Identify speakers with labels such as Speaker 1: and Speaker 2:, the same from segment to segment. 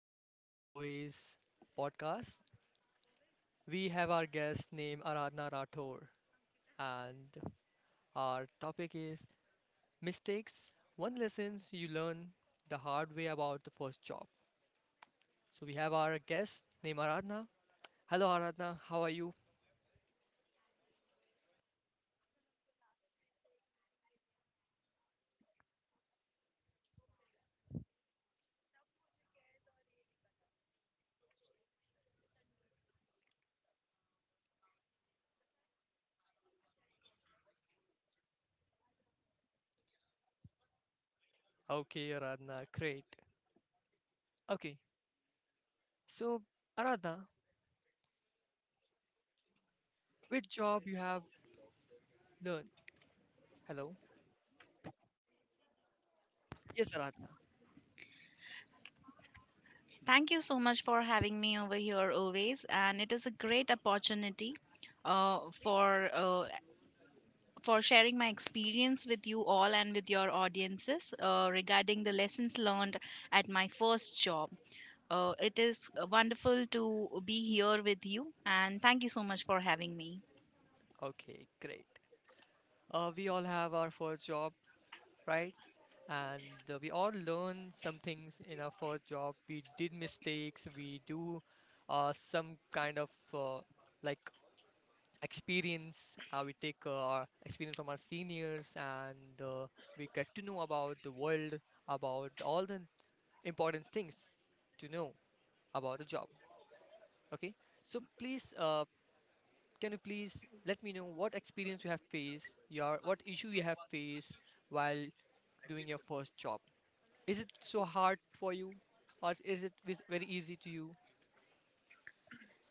Speaker 1: welcome back to the Oase podcast. We have our guest named Aradhna Rathore, and our topic is mistakes, one lessons you learn the hard way about the first job. So we have our guest named Aradhna. Hello, Aradhna. How are you? Okay, Aradhna. Great. Okay. So, Aradhna, which job you have learned? Hello. Yes, Aradhna.
Speaker 2: Thank you so much for having me over here always, and it is a great opportunity for for sharing my experience with you all and with your audiences regarding the lessons learned at my first job. It is wonderful to be here with you, and thank you so much for having me.
Speaker 1: Okay, great. We all have our first job, right? And we all learn some things in our first job. We did mistakes. We do some kind of like experience. We take our experience from our seniors, and we get to know about the world, about all the important things to know about the job. Okay, so please, can you please let me know what experience you have faced, your what issue you have faced while doing your first job? Is it so hard for you, or is it very easy to you?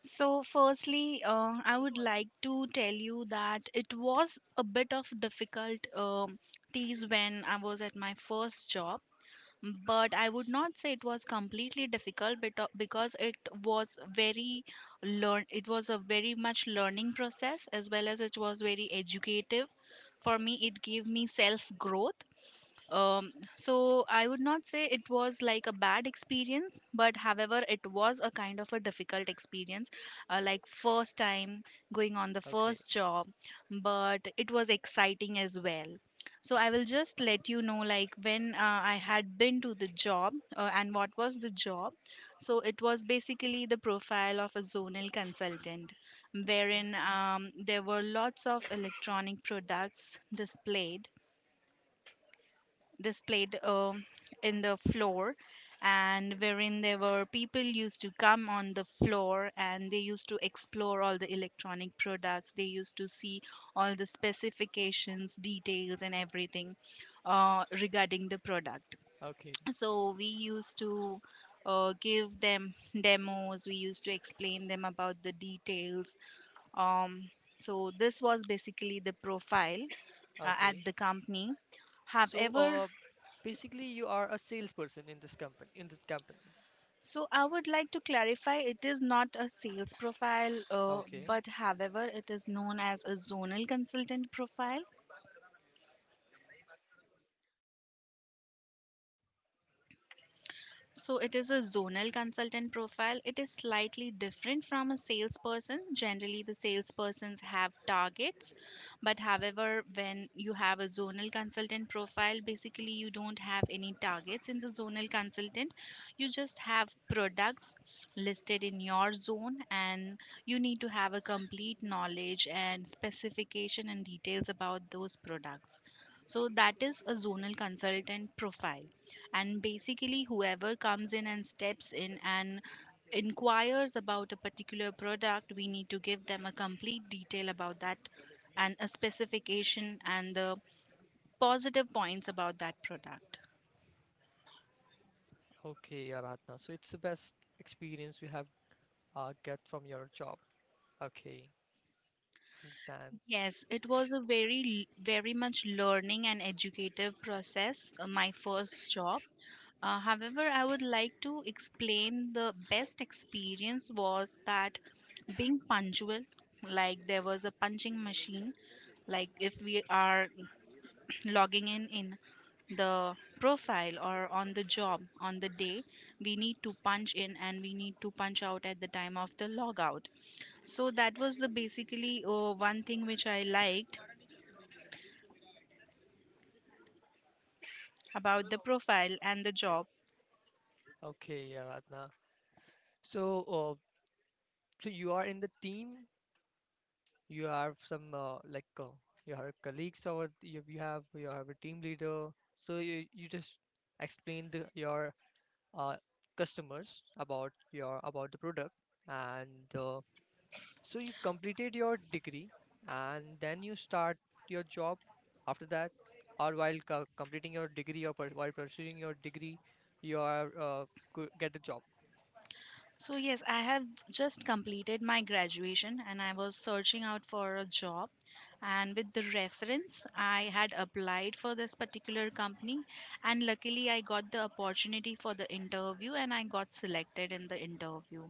Speaker 2: So, firstly, I would like to tell you that it was a bit of difficult tease when I was at my first job, but I would not say it was completely difficult because it was very learn it was a very much learning process, as well as it was very educative for me. It gave me self growth. um, so I would not say it was like a bad experience, but however it was a kind of a difficult experience, like first time going on the
Speaker 1: Okay,
Speaker 2: first job, but it was exciting as well. So I will just let you know, like, when I had been to the job, and what was the job. So it was basically the profile of a zonal consultant,
Speaker 1: okay,
Speaker 2: wherein there were lots of electronic products displayed, displayed um in the floor, and wherein there were people used to come on the floor and they used to explore all the electronic products. They used to see all the specifications, details and everything regarding the product.
Speaker 1: okay,
Speaker 2: So we used to give them demos. We used to explain them about the details. um, so this was basically the profile at
Speaker 1: okay.
Speaker 2: the company.
Speaker 1: So,
Speaker 2: However,
Speaker 1: basically, you are a salesperson in this company. In this company.
Speaker 2: so I would like to clarify, it is not a sales profile,
Speaker 1: Okay,
Speaker 2: but however, it is known as a zonal consultant profile. So it is a zonal consultant profile. It is slightly different from a salesperson. Generally, the salespersons have targets, but however, when you have a zonal consultant profile, basically you don't have any targets in the zonal consultant. You just have products listed in your zone, and you need to have a complete knowledge and specification and details about those products. So that is a zonal consultant profile, and basically whoever comes in and steps in and inquires about a particular product, we need to give them a complete detail about that, and a specification and the positive points about that product.
Speaker 1: okay, Aradhana. So it's the best experience you have get from your job. Okay, understand.
Speaker 2: Yes, it was a very very much learning and educative process, my first job. However, I would like to explain the best experience was that being punctual, like there was a punching machine. Like, if we are logging in the profile or on the job on the day, we need to punch in and we need to punch out at the time of the logout. So that was the basically one thing which I liked about the profile and the job.
Speaker 1: Okay, Aradhana. So, uh, so you are in the team. You have some like you have colleagues, or you have a team leader. So you just explain your uh, customers about your about the product, and so you completed your degree and then you start your job after that, or while completing your degree or while pursuing your degree you are get a job.
Speaker 2: So, yes, I have just completed my graduation and I was searching out for a job. And with the reference, I had applied for this particular company. And luckily, I got the opportunity for the interview and I got selected in the interview.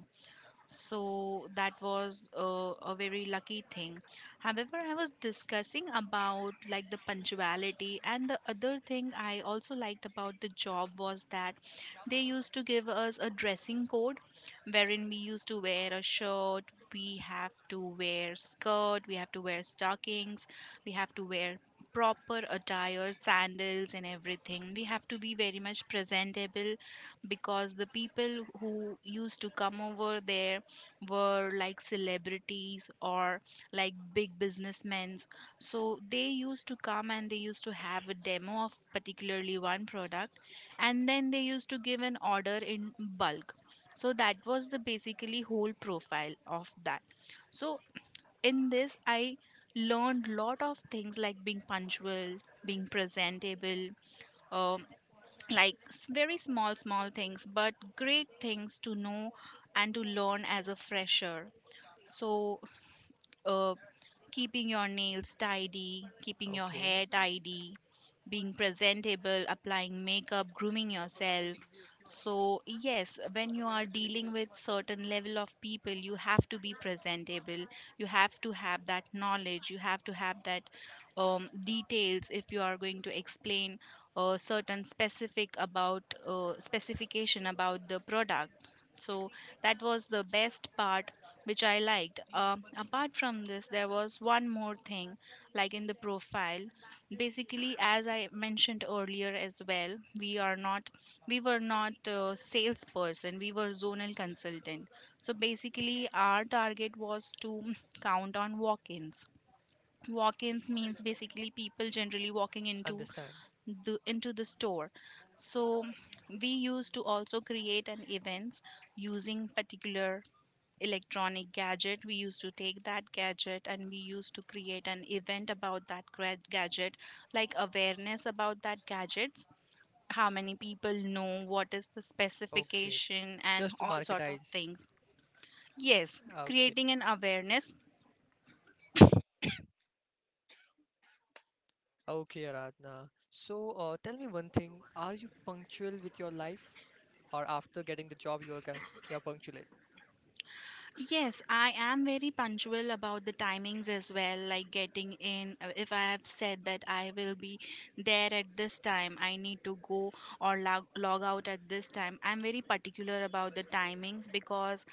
Speaker 2: So that was a very lucky thing. However, I was discussing about like the punctuality, and the other thing I also liked about the job was that they used to give us a dressing code, wherein we used to wear a shirt. We have to wear skirt, we have to wear stockings, we have to wear proper attire, sandals and everything. We have to be very much presentable, because the people who used to come over there were like celebrities or like big businessmen. So they used to come and they used to have a demo of particularly one product, and then they used to give an order in bulk. So that was the basically whole profile of that. So in this, I learned lot of things, like being punctual, being presentable, um, like very small small things, but great things to know and to learn as a fresher. So, uh, keeping your nails tidy, keeping your
Speaker 1: Okay,
Speaker 2: hair tidy, being presentable, applying makeup, grooming yourself. So, yes, when you are dealing with certain level of people, you have to be presentable. You have to have that knowledge. You have to have that details if you are going to explain certain specification about the product. So that was the best part which I liked. Apart from this, there was one more thing, like in the profile. Basically, as I mentioned earlier as well, we were not salesperson. We were zonal consultant. So basically, our target was to count on walk-ins. Walk-ins means basically people generally walking
Speaker 1: understand.
Speaker 2: into the store. So we used to also create an events using particular electronic gadget. We used to take that gadget and we used to create an event about that gadget, like awareness about that gadgets, how many people know, what is the
Speaker 1: Okay,
Speaker 2: specification, and
Speaker 1: just to
Speaker 2: all sort of
Speaker 1: marketize.
Speaker 2: things. Yes,
Speaker 1: Okay,
Speaker 2: creating an awareness.
Speaker 1: okay, Aradhna. So, tell me one thing, are you punctual with your life, or after getting the job you are you are punctual?
Speaker 2: Yes, I am very punctual about the timings as well, like getting in. If I have said that I will be there at this time, I need to go or log out at this time. I'm very particular about the timings, because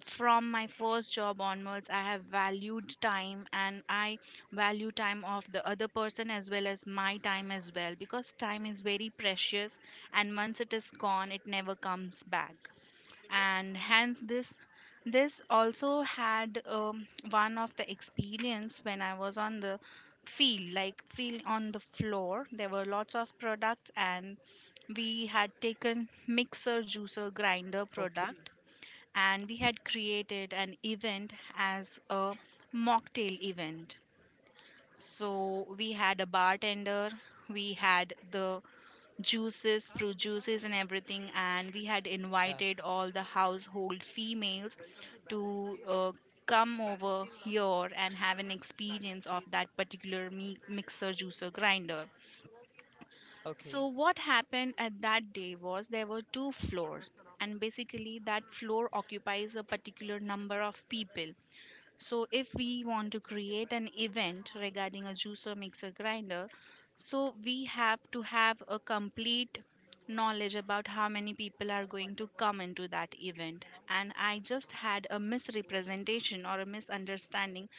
Speaker 2: from my first job onwards, I have valued time, and I value time of the other person as well as my time as well, because time is very precious, and once it is gone, it never comes back. And hence this, this also had one of the experience when I was on the field, like field on the floor. There were lots of products, and we had taken mixer juicer grinder
Speaker 1: Okay,
Speaker 2: product, and we had created an event as a mocktail event. So we had a bartender, we had the juices, fruit juices, and everything. And we had
Speaker 1: yeah.
Speaker 2: invited all the household females to come over here and have an experience of that particular mixer, juicer, grinder.
Speaker 1: Okay,
Speaker 2: So, what happened at that day was there were 2 floors, and basically, that floor occupies a particular number of people. So, if we want to create an event regarding a juicer, mixer, grinder, so we have to have a complete knowledge about how many people are going to come into that event. And I just had a misrepresentation or a misunderstanding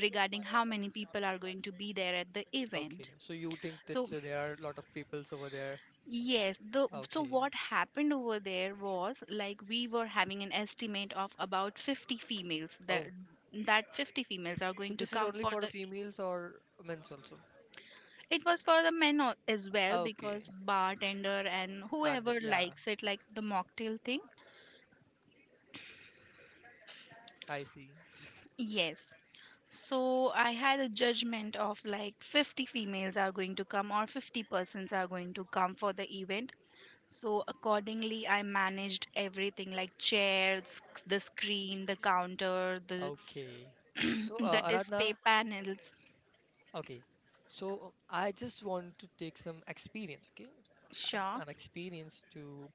Speaker 2: regarding how many people are going to be there at the
Speaker 1: okay.
Speaker 2: event.
Speaker 1: So you think that
Speaker 2: So,
Speaker 1: there are a lot of peoples over there?
Speaker 2: yes, the so
Speaker 1: Okay.
Speaker 2: what happened over there was, like, we were having an estimate of about 50 females that
Speaker 1: Oh,
Speaker 2: 50 females are
Speaker 1: so
Speaker 2: going to
Speaker 1: this is
Speaker 2: come
Speaker 1: only
Speaker 2: for
Speaker 1: for the
Speaker 2: the.
Speaker 1: females or men's also?
Speaker 2: It was for the as well, because
Speaker 1: Okay.
Speaker 2: bartender and
Speaker 1: And
Speaker 2: whoever
Speaker 1: yeah,
Speaker 2: likes it, like the mocktail thing.
Speaker 1: I see.
Speaker 2: Yes. So I had a judgment of like 50 females are going to come or 50 persons are going to come for the event. So accordingly, I managed everything, like chairs, the screen, the counter, the
Speaker 1: Okay. So,
Speaker 2: the display
Speaker 1: Aradhana,
Speaker 2: panels.
Speaker 1: okay. So, I just want to take some experience, okay? An,
Speaker 2: Sure.
Speaker 1: an experience to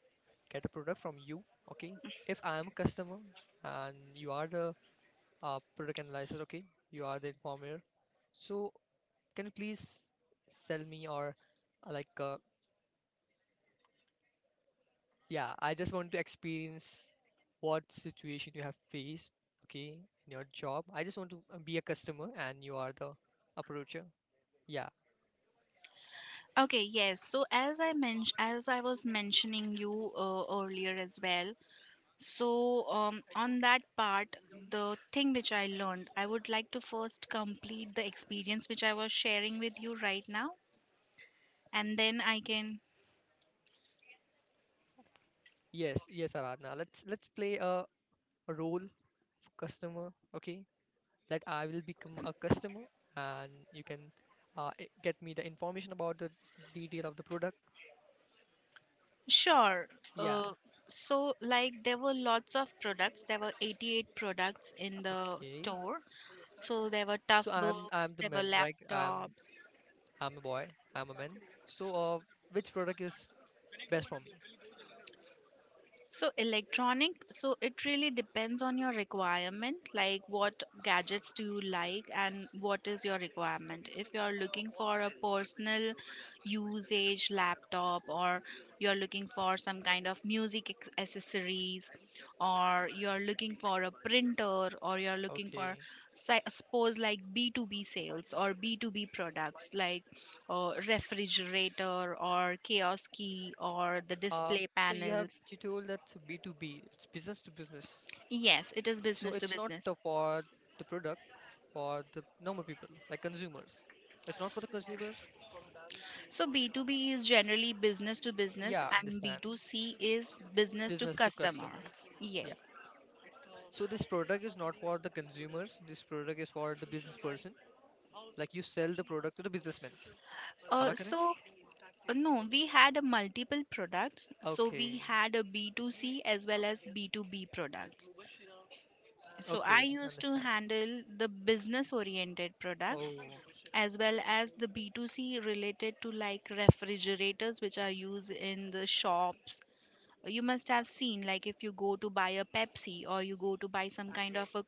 Speaker 1: get a product from you, okay? If I am a customer and you are the product analyzer, okay? You are the informer. So, can you please sell me, or like yeah, I just want to experience what situation you have faced, okay, in your job. I just want to be a customer and you are the approacher. Yeah.
Speaker 2: Okay, yes. So as I mentioned, as I was mentioning you earlier as well, so, on that part, the thing which I learned, I would like to first complete the experience which I was sharing with you right now, and then I can.
Speaker 1: Yes, yes, Aradna, let's play a role for customer. Okay, that I will become a customer and you can get me the information about the detail of the product.
Speaker 2: Sure.
Speaker 1: Yeah.
Speaker 2: Uh, so, like, there were lots of products. There were 88 products in the
Speaker 1: Okay,
Speaker 2: store. So, there were tough
Speaker 1: so I'm
Speaker 2: books,
Speaker 1: the
Speaker 2: there were
Speaker 1: man, right?
Speaker 2: laptops.
Speaker 1: I'm a boy. I'm a man. So, which product is best for me?
Speaker 2: So electronic, so it really depends on your requirement, like what gadgets do you like and what is your requirement. If you're looking for a personal usage laptop, or you're looking for some kind of music accessories, or you're looking for a printer, or you're looking for
Speaker 1: Okay.
Speaker 2: suppose like B2B sales or B2B products, like refrigerator or kiosk key or the display
Speaker 1: So,
Speaker 2: panels.
Speaker 1: you told that's B2B. It's business to business.
Speaker 2: Yes, it is
Speaker 1: So
Speaker 2: business to
Speaker 1: it's not
Speaker 2: business.
Speaker 1: for the product, for the normal people like consumers. It's not for the consumers.
Speaker 2: So B2B is generally business to business,
Speaker 1: Yeah,
Speaker 2: and
Speaker 1: understand.
Speaker 2: B2C is business to
Speaker 1: Business to
Speaker 2: customer.
Speaker 1: customers. Yeah.
Speaker 2: Yes.
Speaker 1: So this product is not for the consumers. This product is for the business person. Like, you sell the product to the businessmen. Am
Speaker 2: Uh,
Speaker 1: I correct?
Speaker 2: so no, we had a multiple products. So we
Speaker 1: Okay.
Speaker 2: had a B2C as well as B2B products. So I
Speaker 1: Okay.
Speaker 2: used to
Speaker 1: Understand.
Speaker 2: handle the business oriented products
Speaker 1: Oh,
Speaker 2: as well as the B2C related to like refrigerators which are used in the shops. You must have seen, like, if you go to buy a pepsi or you go to buy some kind of a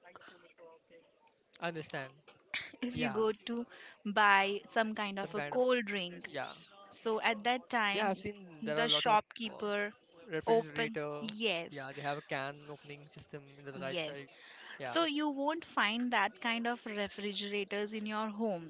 Speaker 1: understand.
Speaker 2: if you
Speaker 1: Yeah,
Speaker 2: go to buy some kind of
Speaker 1: some
Speaker 2: a
Speaker 1: kind of.
Speaker 2: cold drink,
Speaker 1: Yeah,
Speaker 2: so at that
Speaker 1: yeah,
Speaker 2: time
Speaker 1: I've seen there are
Speaker 2: the
Speaker 1: a lot of uh,
Speaker 2: shopkeeper open,
Speaker 1: refrigerator.
Speaker 2: yes,
Speaker 1: Yeah, they have a can opening system in the right
Speaker 2: yes
Speaker 1: side. Yeah,
Speaker 2: so you won't find that kind of refrigerators in your home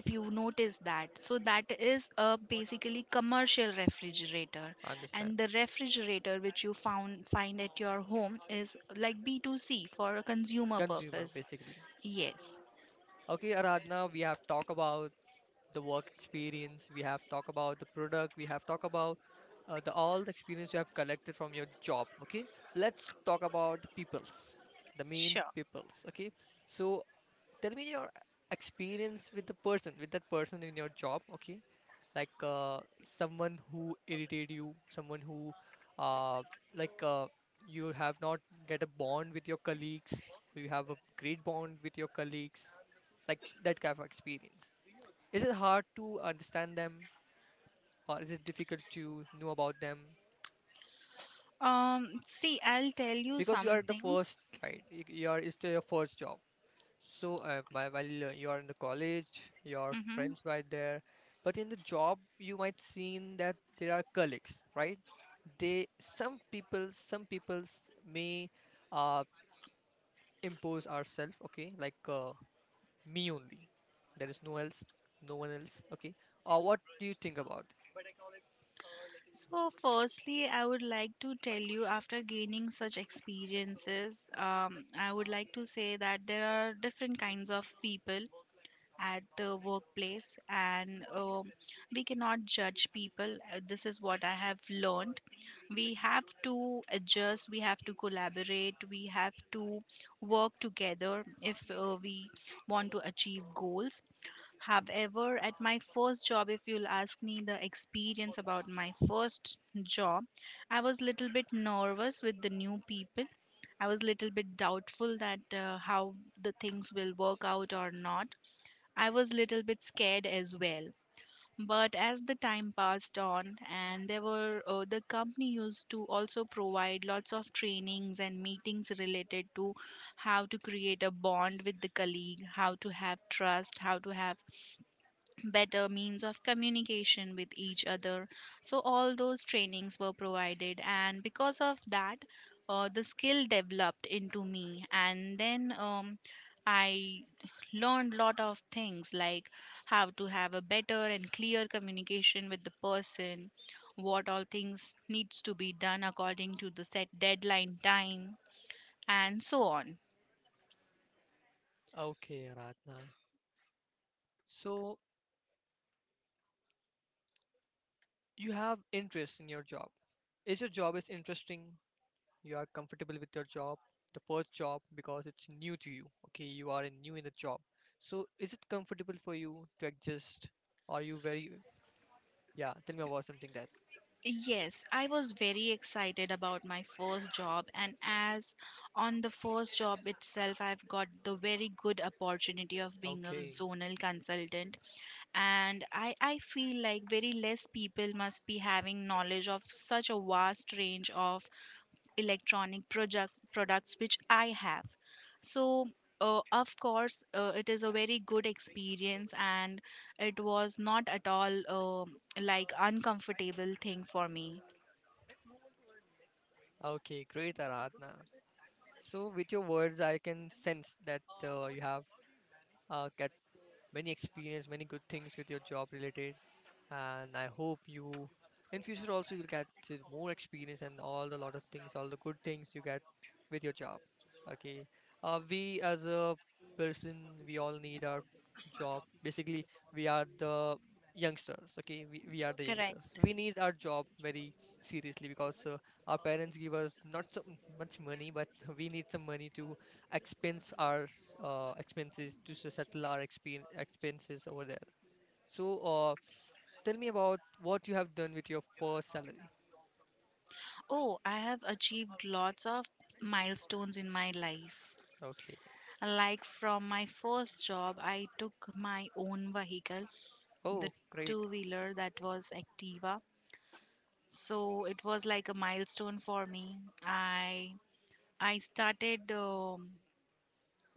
Speaker 2: if you notice that. So that is a basically commercial refrigerator,
Speaker 1: I understand.
Speaker 2: and the refrigerator which you found find at your home is like B2C for a consumer
Speaker 1: Consumer
Speaker 2: purpose.
Speaker 1: basically.
Speaker 2: Yes.
Speaker 1: Okay, Aradhana, we have talked about the work experience. We have talked about the product. We have talked about the all the experience you have collected from your job. Okay, let's talk about the peoples, the main
Speaker 2: Sure.
Speaker 1: peoples. Okay, so tell me your experience with the person, with that person in your job. Okay, like someone who irritated you, someone who uh, like you have not get a bond with your colleagues, you have a great bond with your colleagues, like that kind of experience. Is it hard to understand them, or is it difficult to know about them?
Speaker 2: See, I'll tell you
Speaker 1: Because
Speaker 2: some
Speaker 1: you are the
Speaker 2: things.
Speaker 1: first, right? You are, it's your first job. So, while you are in the college, your
Speaker 2: Hmm.
Speaker 1: friends were there, but in the job, you might seen that there are colleagues, right? They, some people, some people's may uh, impose ourselves, okay, like me only. There is no one else, okay. Or what do you think about
Speaker 2: So firstly, I would like to tell you, after gaining such experiences, I would like to say that there are different kinds of people at the workplace. And we cannot judge people. This is what I have learned. We have to adjust, we have to collaborate, we have to work together if we want to achieve goals. However, at my first job, if you'll ask me the experience about my first job, I was little bit nervous with the new people. I was little bit doubtful that how the things will work out or not. I was little bit scared as well. But as the time passed on, and there were the company used to also provide lots of trainings and meetings related to how to create a bond with the colleague, how to have trust, how to have better means of communication with each other. So, all those trainings were provided, and because of that, the skill developed into me. And then I learned lot of things, like how to have a better and clear communication with the person, what all things needs to be done according to the set deadline time, and so on.
Speaker 1: it? Okay, Aradhna. So you have interest in your job. Is your job is interesting? You are comfortable with your job, the first job, because it's new to you. Okay, you are in, new in the job. So, is it comfortable for you to adjust? Are you very, yeah, tell me about something that.
Speaker 2: Yes, I was very excited about my first job, and as on the first job itself, I've got the very good opportunity of being a
Speaker 1: Okay.
Speaker 2: zonal consultant. And I feel like very less people must be having knowledge of such a vast range of electronic project products which I have. So of course it is a very good experience, and it was not at all like uncomfortable thing for me.
Speaker 1: Okay, great, Aradhana. So, with your words, I can sense that you have got many experience, many good things with your job related, and I hope you in future also you will get to more experience and all the lot of things, all the good things you get with your job. Okay, we as a person, we all need our job. Basically, we are the youngsters. Okay, we are the youngsters.
Speaker 2: Correct.
Speaker 1: We need our job very seriously because our parents give us not so much money, but we need some money to expense our s- expenses to settle our expenses over there. So, tell me about what you have done with your first salary.
Speaker 2: Oh, I have achieved lots of milestones in my life.
Speaker 1: Okay.
Speaker 2: Like from my first job, I took my own vehicle, the
Speaker 1: Oh, great.
Speaker 2: two wheeler, that was Activa. So it was like a milestone for me. I I started um,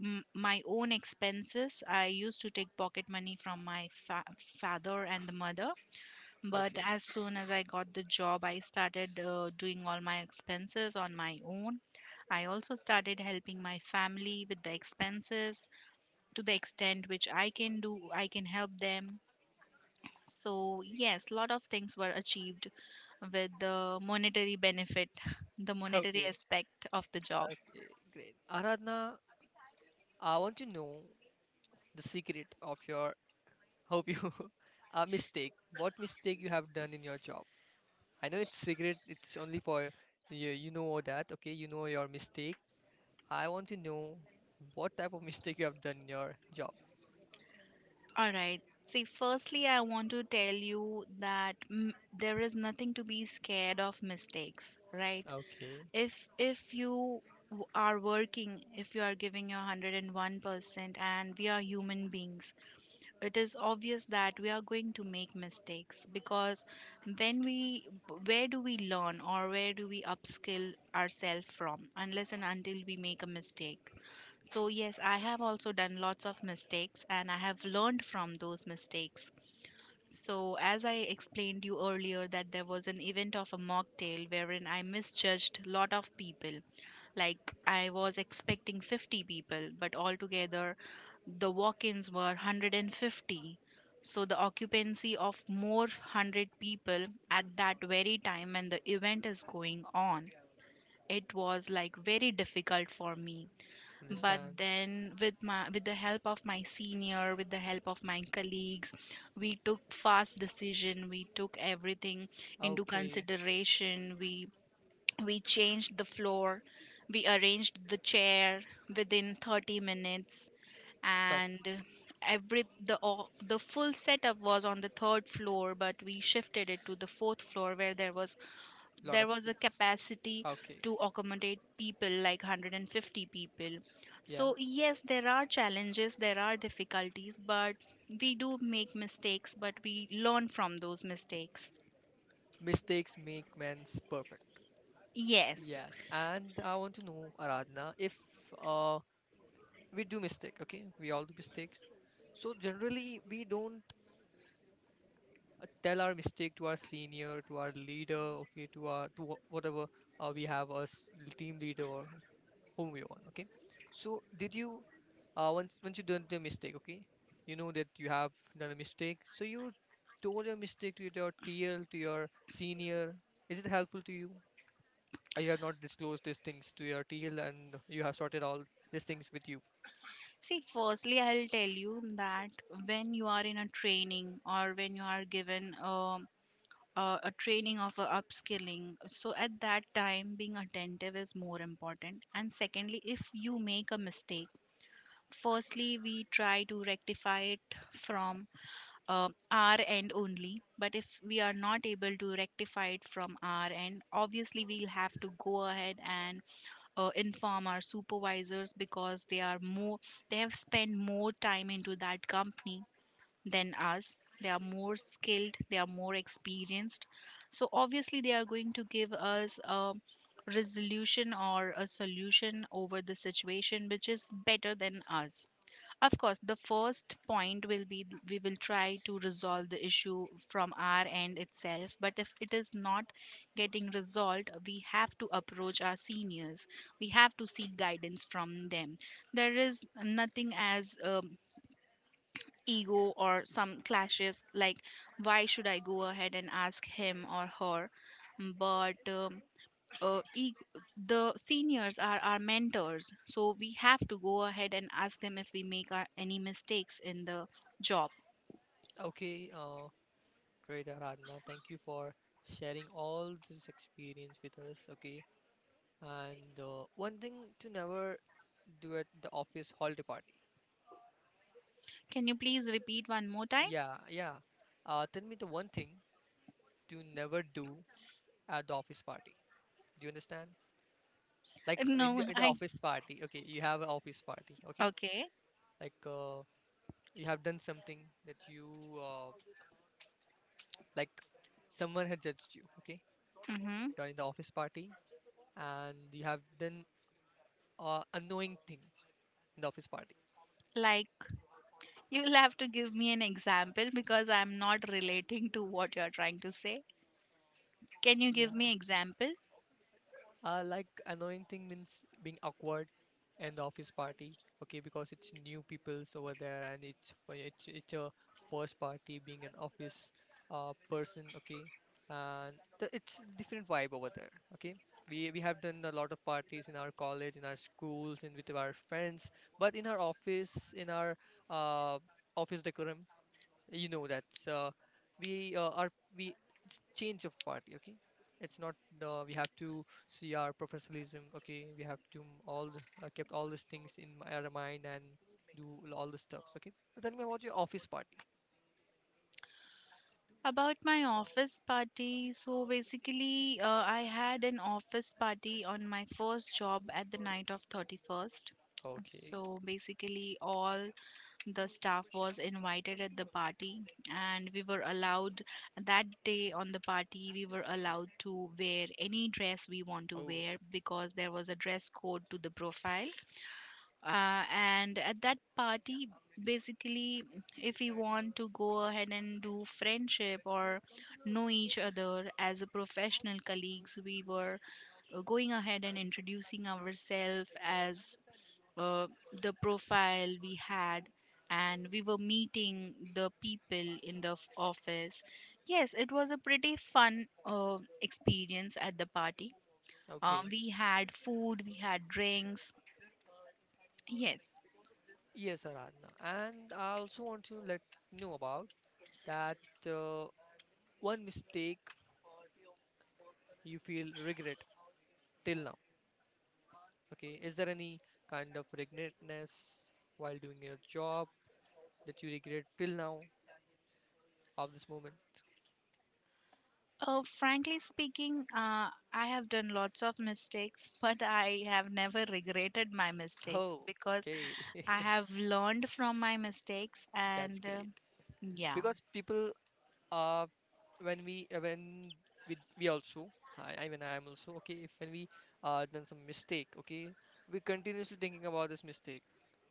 Speaker 2: m- my own expenses. I used to take pocket money from my father and the mother. But
Speaker 1: Okay.
Speaker 2: as soon as I got the job, I started doing all my expenses on my own. I also started helping my family with the expenses to the extent which I can do, I can help them. So, yes, lot of things were achieved with the monetary benefit, the monetary
Speaker 1: Okay,
Speaker 2: aspect of the job.
Speaker 1: okay, great, Aradhna. I want to know the secret of your, hope you a mistake. What mistake you have done in your job? I know it's secret. It's only for you. You know all that. Okay, you know your mistake. I want to know what type of mistake you have done in your job.
Speaker 2: All right. See, firstly, I want to tell you that there is nothing to be scared of mistakes, right?
Speaker 1: Okay.
Speaker 2: If you are working, if you are giving your 101%, and we are human beings, it is obvious that we are going to make mistakes. Because when we where do we learn or where do we upskill ourselves from, unless and until we make a mistake? So, yes, I have also done lots of mistakes, and I have learned from those mistakes. So, as I explained you earlier, that there was an event of a mocktail wherein I misjudged lot of people. Like I was expecting 50 people, but altogether the walk-ins were 150. So the occupancy of more 100 people at that very time when the event is going on, it was like very difficult for me. But
Speaker 1: Understand.
Speaker 2: then with my with the help of my senior, with the help of my colleagues, we took fast decision, we took everything into
Speaker 1: Okay.
Speaker 2: consideration, we changed the floor, we arranged the chair within 30 minutes.
Speaker 1: Tough.
Speaker 2: And every the all the full setup was on the third floor, but we shifted it to the fourth floor where
Speaker 1: Lot
Speaker 2: there
Speaker 1: of
Speaker 2: was a
Speaker 1: space.
Speaker 2: capacity
Speaker 1: Okay.
Speaker 2: to accommodate people like 150 people.
Speaker 1: Yeah.
Speaker 2: So yes, there are challenges, there are difficulties, but we do make mistakes, but we learn from those mistakes.
Speaker 1: Mistakes make men's perfect.
Speaker 2: Yes.
Speaker 1: Yes, and I want to know, Aradhana, if uh, we do mistake, okay, we all do mistakes. So generally, we don't tell our mistake to our senior, to our leader, okay, to whatever we have as team leader or whom we want, okay. So, did you, once you done the mistake, okay, you know that you have done a mistake, so you told your mistake to your TL, to your senior. Is it helpful to you? You have not disclosed these things to your TL and you have sorted all these things with you.
Speaker 2: See, firstly, I'll tell you that when you are in a training, or when you are given a training of a upskilling, so at that time, being attentive is more important. And secondly, if you make a mistake, firstly we try to rectify it from our end only. But if we are not able to rectify it from our end, obviously we'll have to go ahead and inform our supervisors, because they are more, they have spent more time into that company than us, they are more skilled, they are more experienced. So obviously they are going to give us a resolution or a solution over the situation which is better than us. Of course, the first point will be we will try to resolve the issue from our end itself. But if it is not getting resolved, we have to approach our seniors. We have to seek guidance from them. There is nothing as ego or some clashes, like, why should I go ahead and ask him or her? But uh, e- the seniors are our mentors, so we have to go ahead and ask them if we make our, any mistakes in the job.
Speaker 1: Okay, great, Aradhana. Thank you for sharing all this experience with us. Okay, and one thing to never do at the office holiday party.
Speaker 2: Can you please repeat one more time?
Speaker 1: Yeah, yeah. Tell me the one thing to never do at the office party. Do you understand? Like, in
Speaker 2: no
Speaker 1: the,
Speaker 2: i
Speaker 1: office party. Okay, you have an office party. Okay,
Speaker 2: okay.
Speaker 1: like you have done something that you like someone had judged you, okay,
Speaker 2: Mm-hmm.
Speaker 1: you're in the office party and you have done a annoying thing in the office party.
Speaker 2: Like, you'll have to give me an example, because I'm not relating to what you're trying to say. Can you give me
Speaker 1: Yeah.
Speaker 2: example?
Speaker 1: Like, annoying thing means being awkward in the office party, okay, because it's new people's over there and it's for- it's it's a first party, being an office person, okay, and it's different vibe over there, okay. We have done a lot of parties in our college, in our schools, and with our friends, but in our uh office decorum, you know, that's we are we, it's change of party. Okay, it's not, we have to see our professionalism. Okay, we have to kept all these things in our mind and do all the stuffs. Okay, so tell me about your office party.
Speaker 2: About my office party, so basically, I had an office party on my first job at the night of 31st.
Speaker 1: Okay.
Speaker 2: So basically, all the staff was invited at the party, and we were allowed that day on the party, we were allowed to wear any dress we want to
Speaker 1: Oh,
Speaker 2: wear, because there was a dress code to the profile. And at that party basically, if we want to go ahead and do friendship or know each other as a professional colleagues, we were going ahead and introducing ourselves as uh, the profile we had, and we were meeting the people in the office. Yes, it was a pretty fun experience at the party.
Speaker 1: okay.
Speaker 2: We had food, we had drinks. Yes.
Speaker 1: Yes, Aradhana, and I also want to let know about that uh, one mistake you feel regret till now. Okay, is there any kind of regretness while doing your job that you regret till now of this moment?
Speaker 2: Frankly speaking, I have done lots of mistakes, but I have never regretted my mistakes,
Speaker 1: Oh,
Speaker 2: because
Speaker 1: okay.
Speaker 2: I have learned from my mistakes,
Speaker 1: That's
Speaker 2: and
Speaker 1: great.
Speaker 2: yeah.
Speaker 1: Because people uh when we, when we also, I mean I am also okay if when we done some mistake, okay, we continuously thinking about this mistake.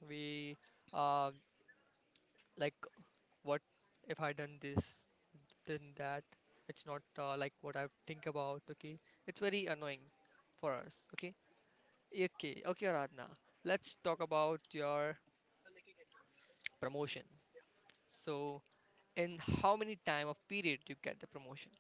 Speaker 1: We uh like, what if I done this, then that. It's not like what I think about, okay? It's very annoying for us, okay? Okay, okay, Aradhana. Let's talk about your promotion. So, in how many time of period you get the promotion?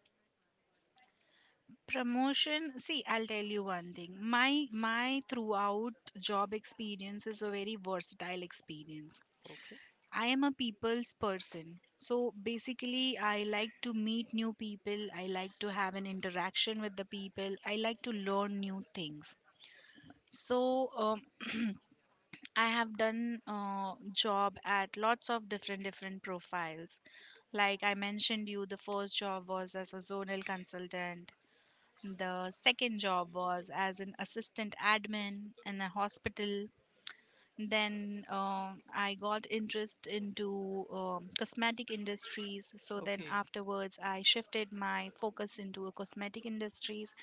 Speaker 2: Promotion, see, I'll tell you one thing. My throughout job experience is a very versatile experience.
Speaker 1: Okay,
Speaker 2: I am a people's person. So basically, I like to meet new people. I like to have an interaction with the people. I like to learn new things. So I have done job at lots of different different profiles. Like I mentioned you, the first job was as a zonal consultant, the second job was as an assistant admin in a hospital. Then I got interest into cosmetic industries, so then
Speaker 1: okay,
Speaker 2: afterwards I shifted my focus into a cosmetic industries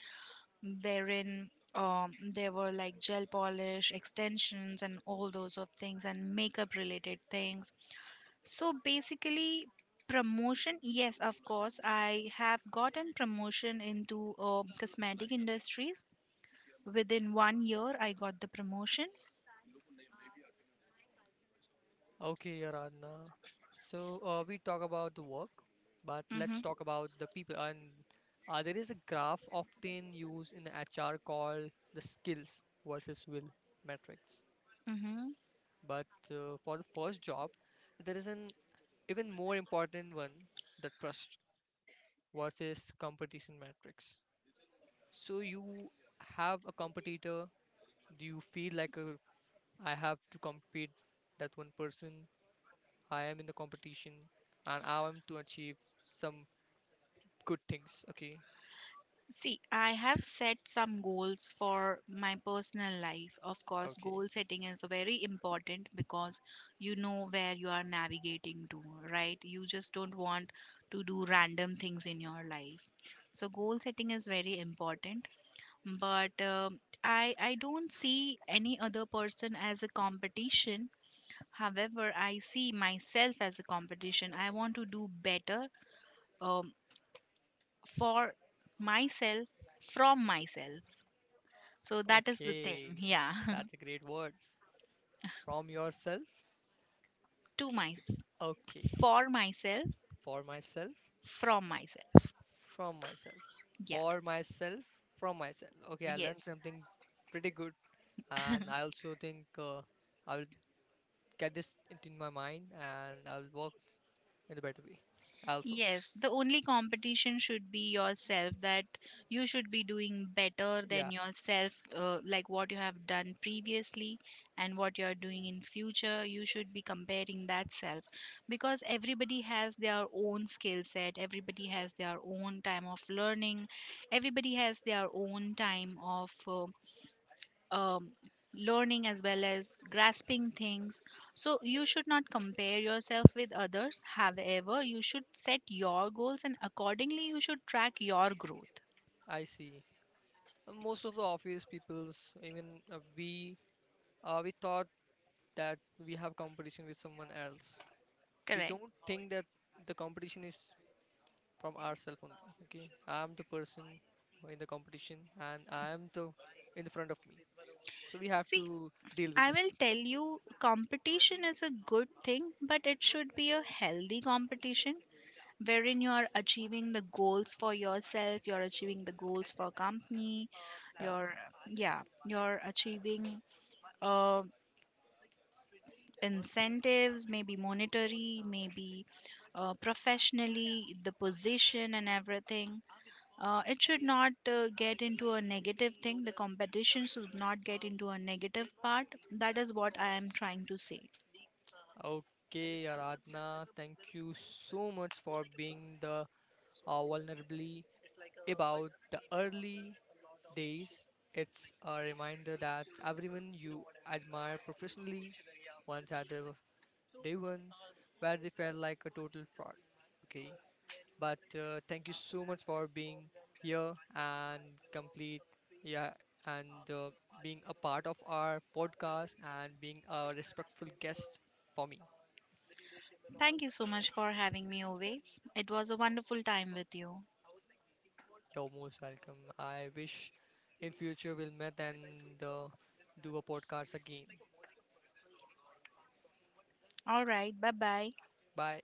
Speaker 2: wherein there were like gel polish extensions and all those of things and makeup related things. So basically, promotion, yes, of course I have gotten promotion into cosmetic industries. Within 1 year I got the promotion.
Speaker 1: okay, Aradhana. So, we talk about the work, but
Speaker 2: Mm-hmm,
Speaker 1: let's talk about the people. And there is a graph often used in HR called the skills versus will metrics.
Speaker 2: mm-hmm.
Speaker 1: But for the first job, there is an even more important one, the trust versus competition metrics. So, you have a competitor? Do you feel like, a I have to compete that one person. I am in the competition and I am to achieve some good things. Okay.
Speaker 2: See, I have set some goals for my personal life. Of course,
Speaker 1: Okay.
Speaker 2: goal setting is very important, because you know where you are navigating to, right? You just don't want to do random things in your life. So goal setting is very important, but I don't see any other person as a competition. However, I see myself as a competition. I want to do better um, for myself, from myself. So that is the thing.
Speaker 1: Okay.
Speaker 2: Yeah.
Speaker 1: That's a great words. From yourself.
Speaker 2: To my,
Speaker 1: Okay.
Speaker 2: for myself,
Speaker 1: For myself.
Speaker 2: from myself.
Speaker 1: From myself.
Speaker 2: Yeah.
Speaker 1: For myself. From myself. Okay. I learned
Speaker 2: Yes.
Speaker 1: something pretty good, and I also think, I'll get this into my mind and I'll work in a better way. Also.
Speaker 2: Yes, the only competition should be yourself, that you should be doing better than
Speaker 1: Yeah.
Speaker 2: yourself, like what you have done previously and what you are doing in future. You should be comparing that self, because everybody has their own skill set, everybody has their own time of learning, everybody has their own time of um, learning as well as grasping things. So you should not compare yourself with others. However, you should set your goals, and accordingly you should track your growth.
Speaker 1: I see. Most of the office peoples, even we thought that we have competition with someone else, we
Speaker 2: Correct.
Speaker 1: don't think that the competition is from ourselves only. Okay, I am the person who in the competition and I am the, in the front of me, so we have to
Speaker 2: See,
Speaker 1: deal with
Speaker 2: I
Speaker 1: this
Speaker 2: will
Speaker 1: thing.
Speaker 2: tell you competition is a good thing, but it should be a healthy competition, wherein you are achieving the goals for yourself, you're achieving the goals for company,
Speaker 1: Yeah.
Speaker 2: you're, yeah, you're achieving um incentives, maybe monetary, maybe professionally, the position and everything. It should not get into a negative thing. The competition should not get into a negative part. That is what I am trying to say.
Speaker 1: Okay, Aradhna, thank you so much for being the vulnerably about the early days. It's a reminder that everyone you admire professionally once had the day one where they felt like a total fraud. Okay, but thank you so much for being here and complete, yeah, and being a part of our podcast and being a respectful guest for me.
Speaker 2: Thank you so much for having me always. It was a wonderful time with you.
Speaker 1: You're most welcome. I wish in future we'll meet and do a podcast again.
Speaker 2: All right, bye bye.
Speaker 1: Bye.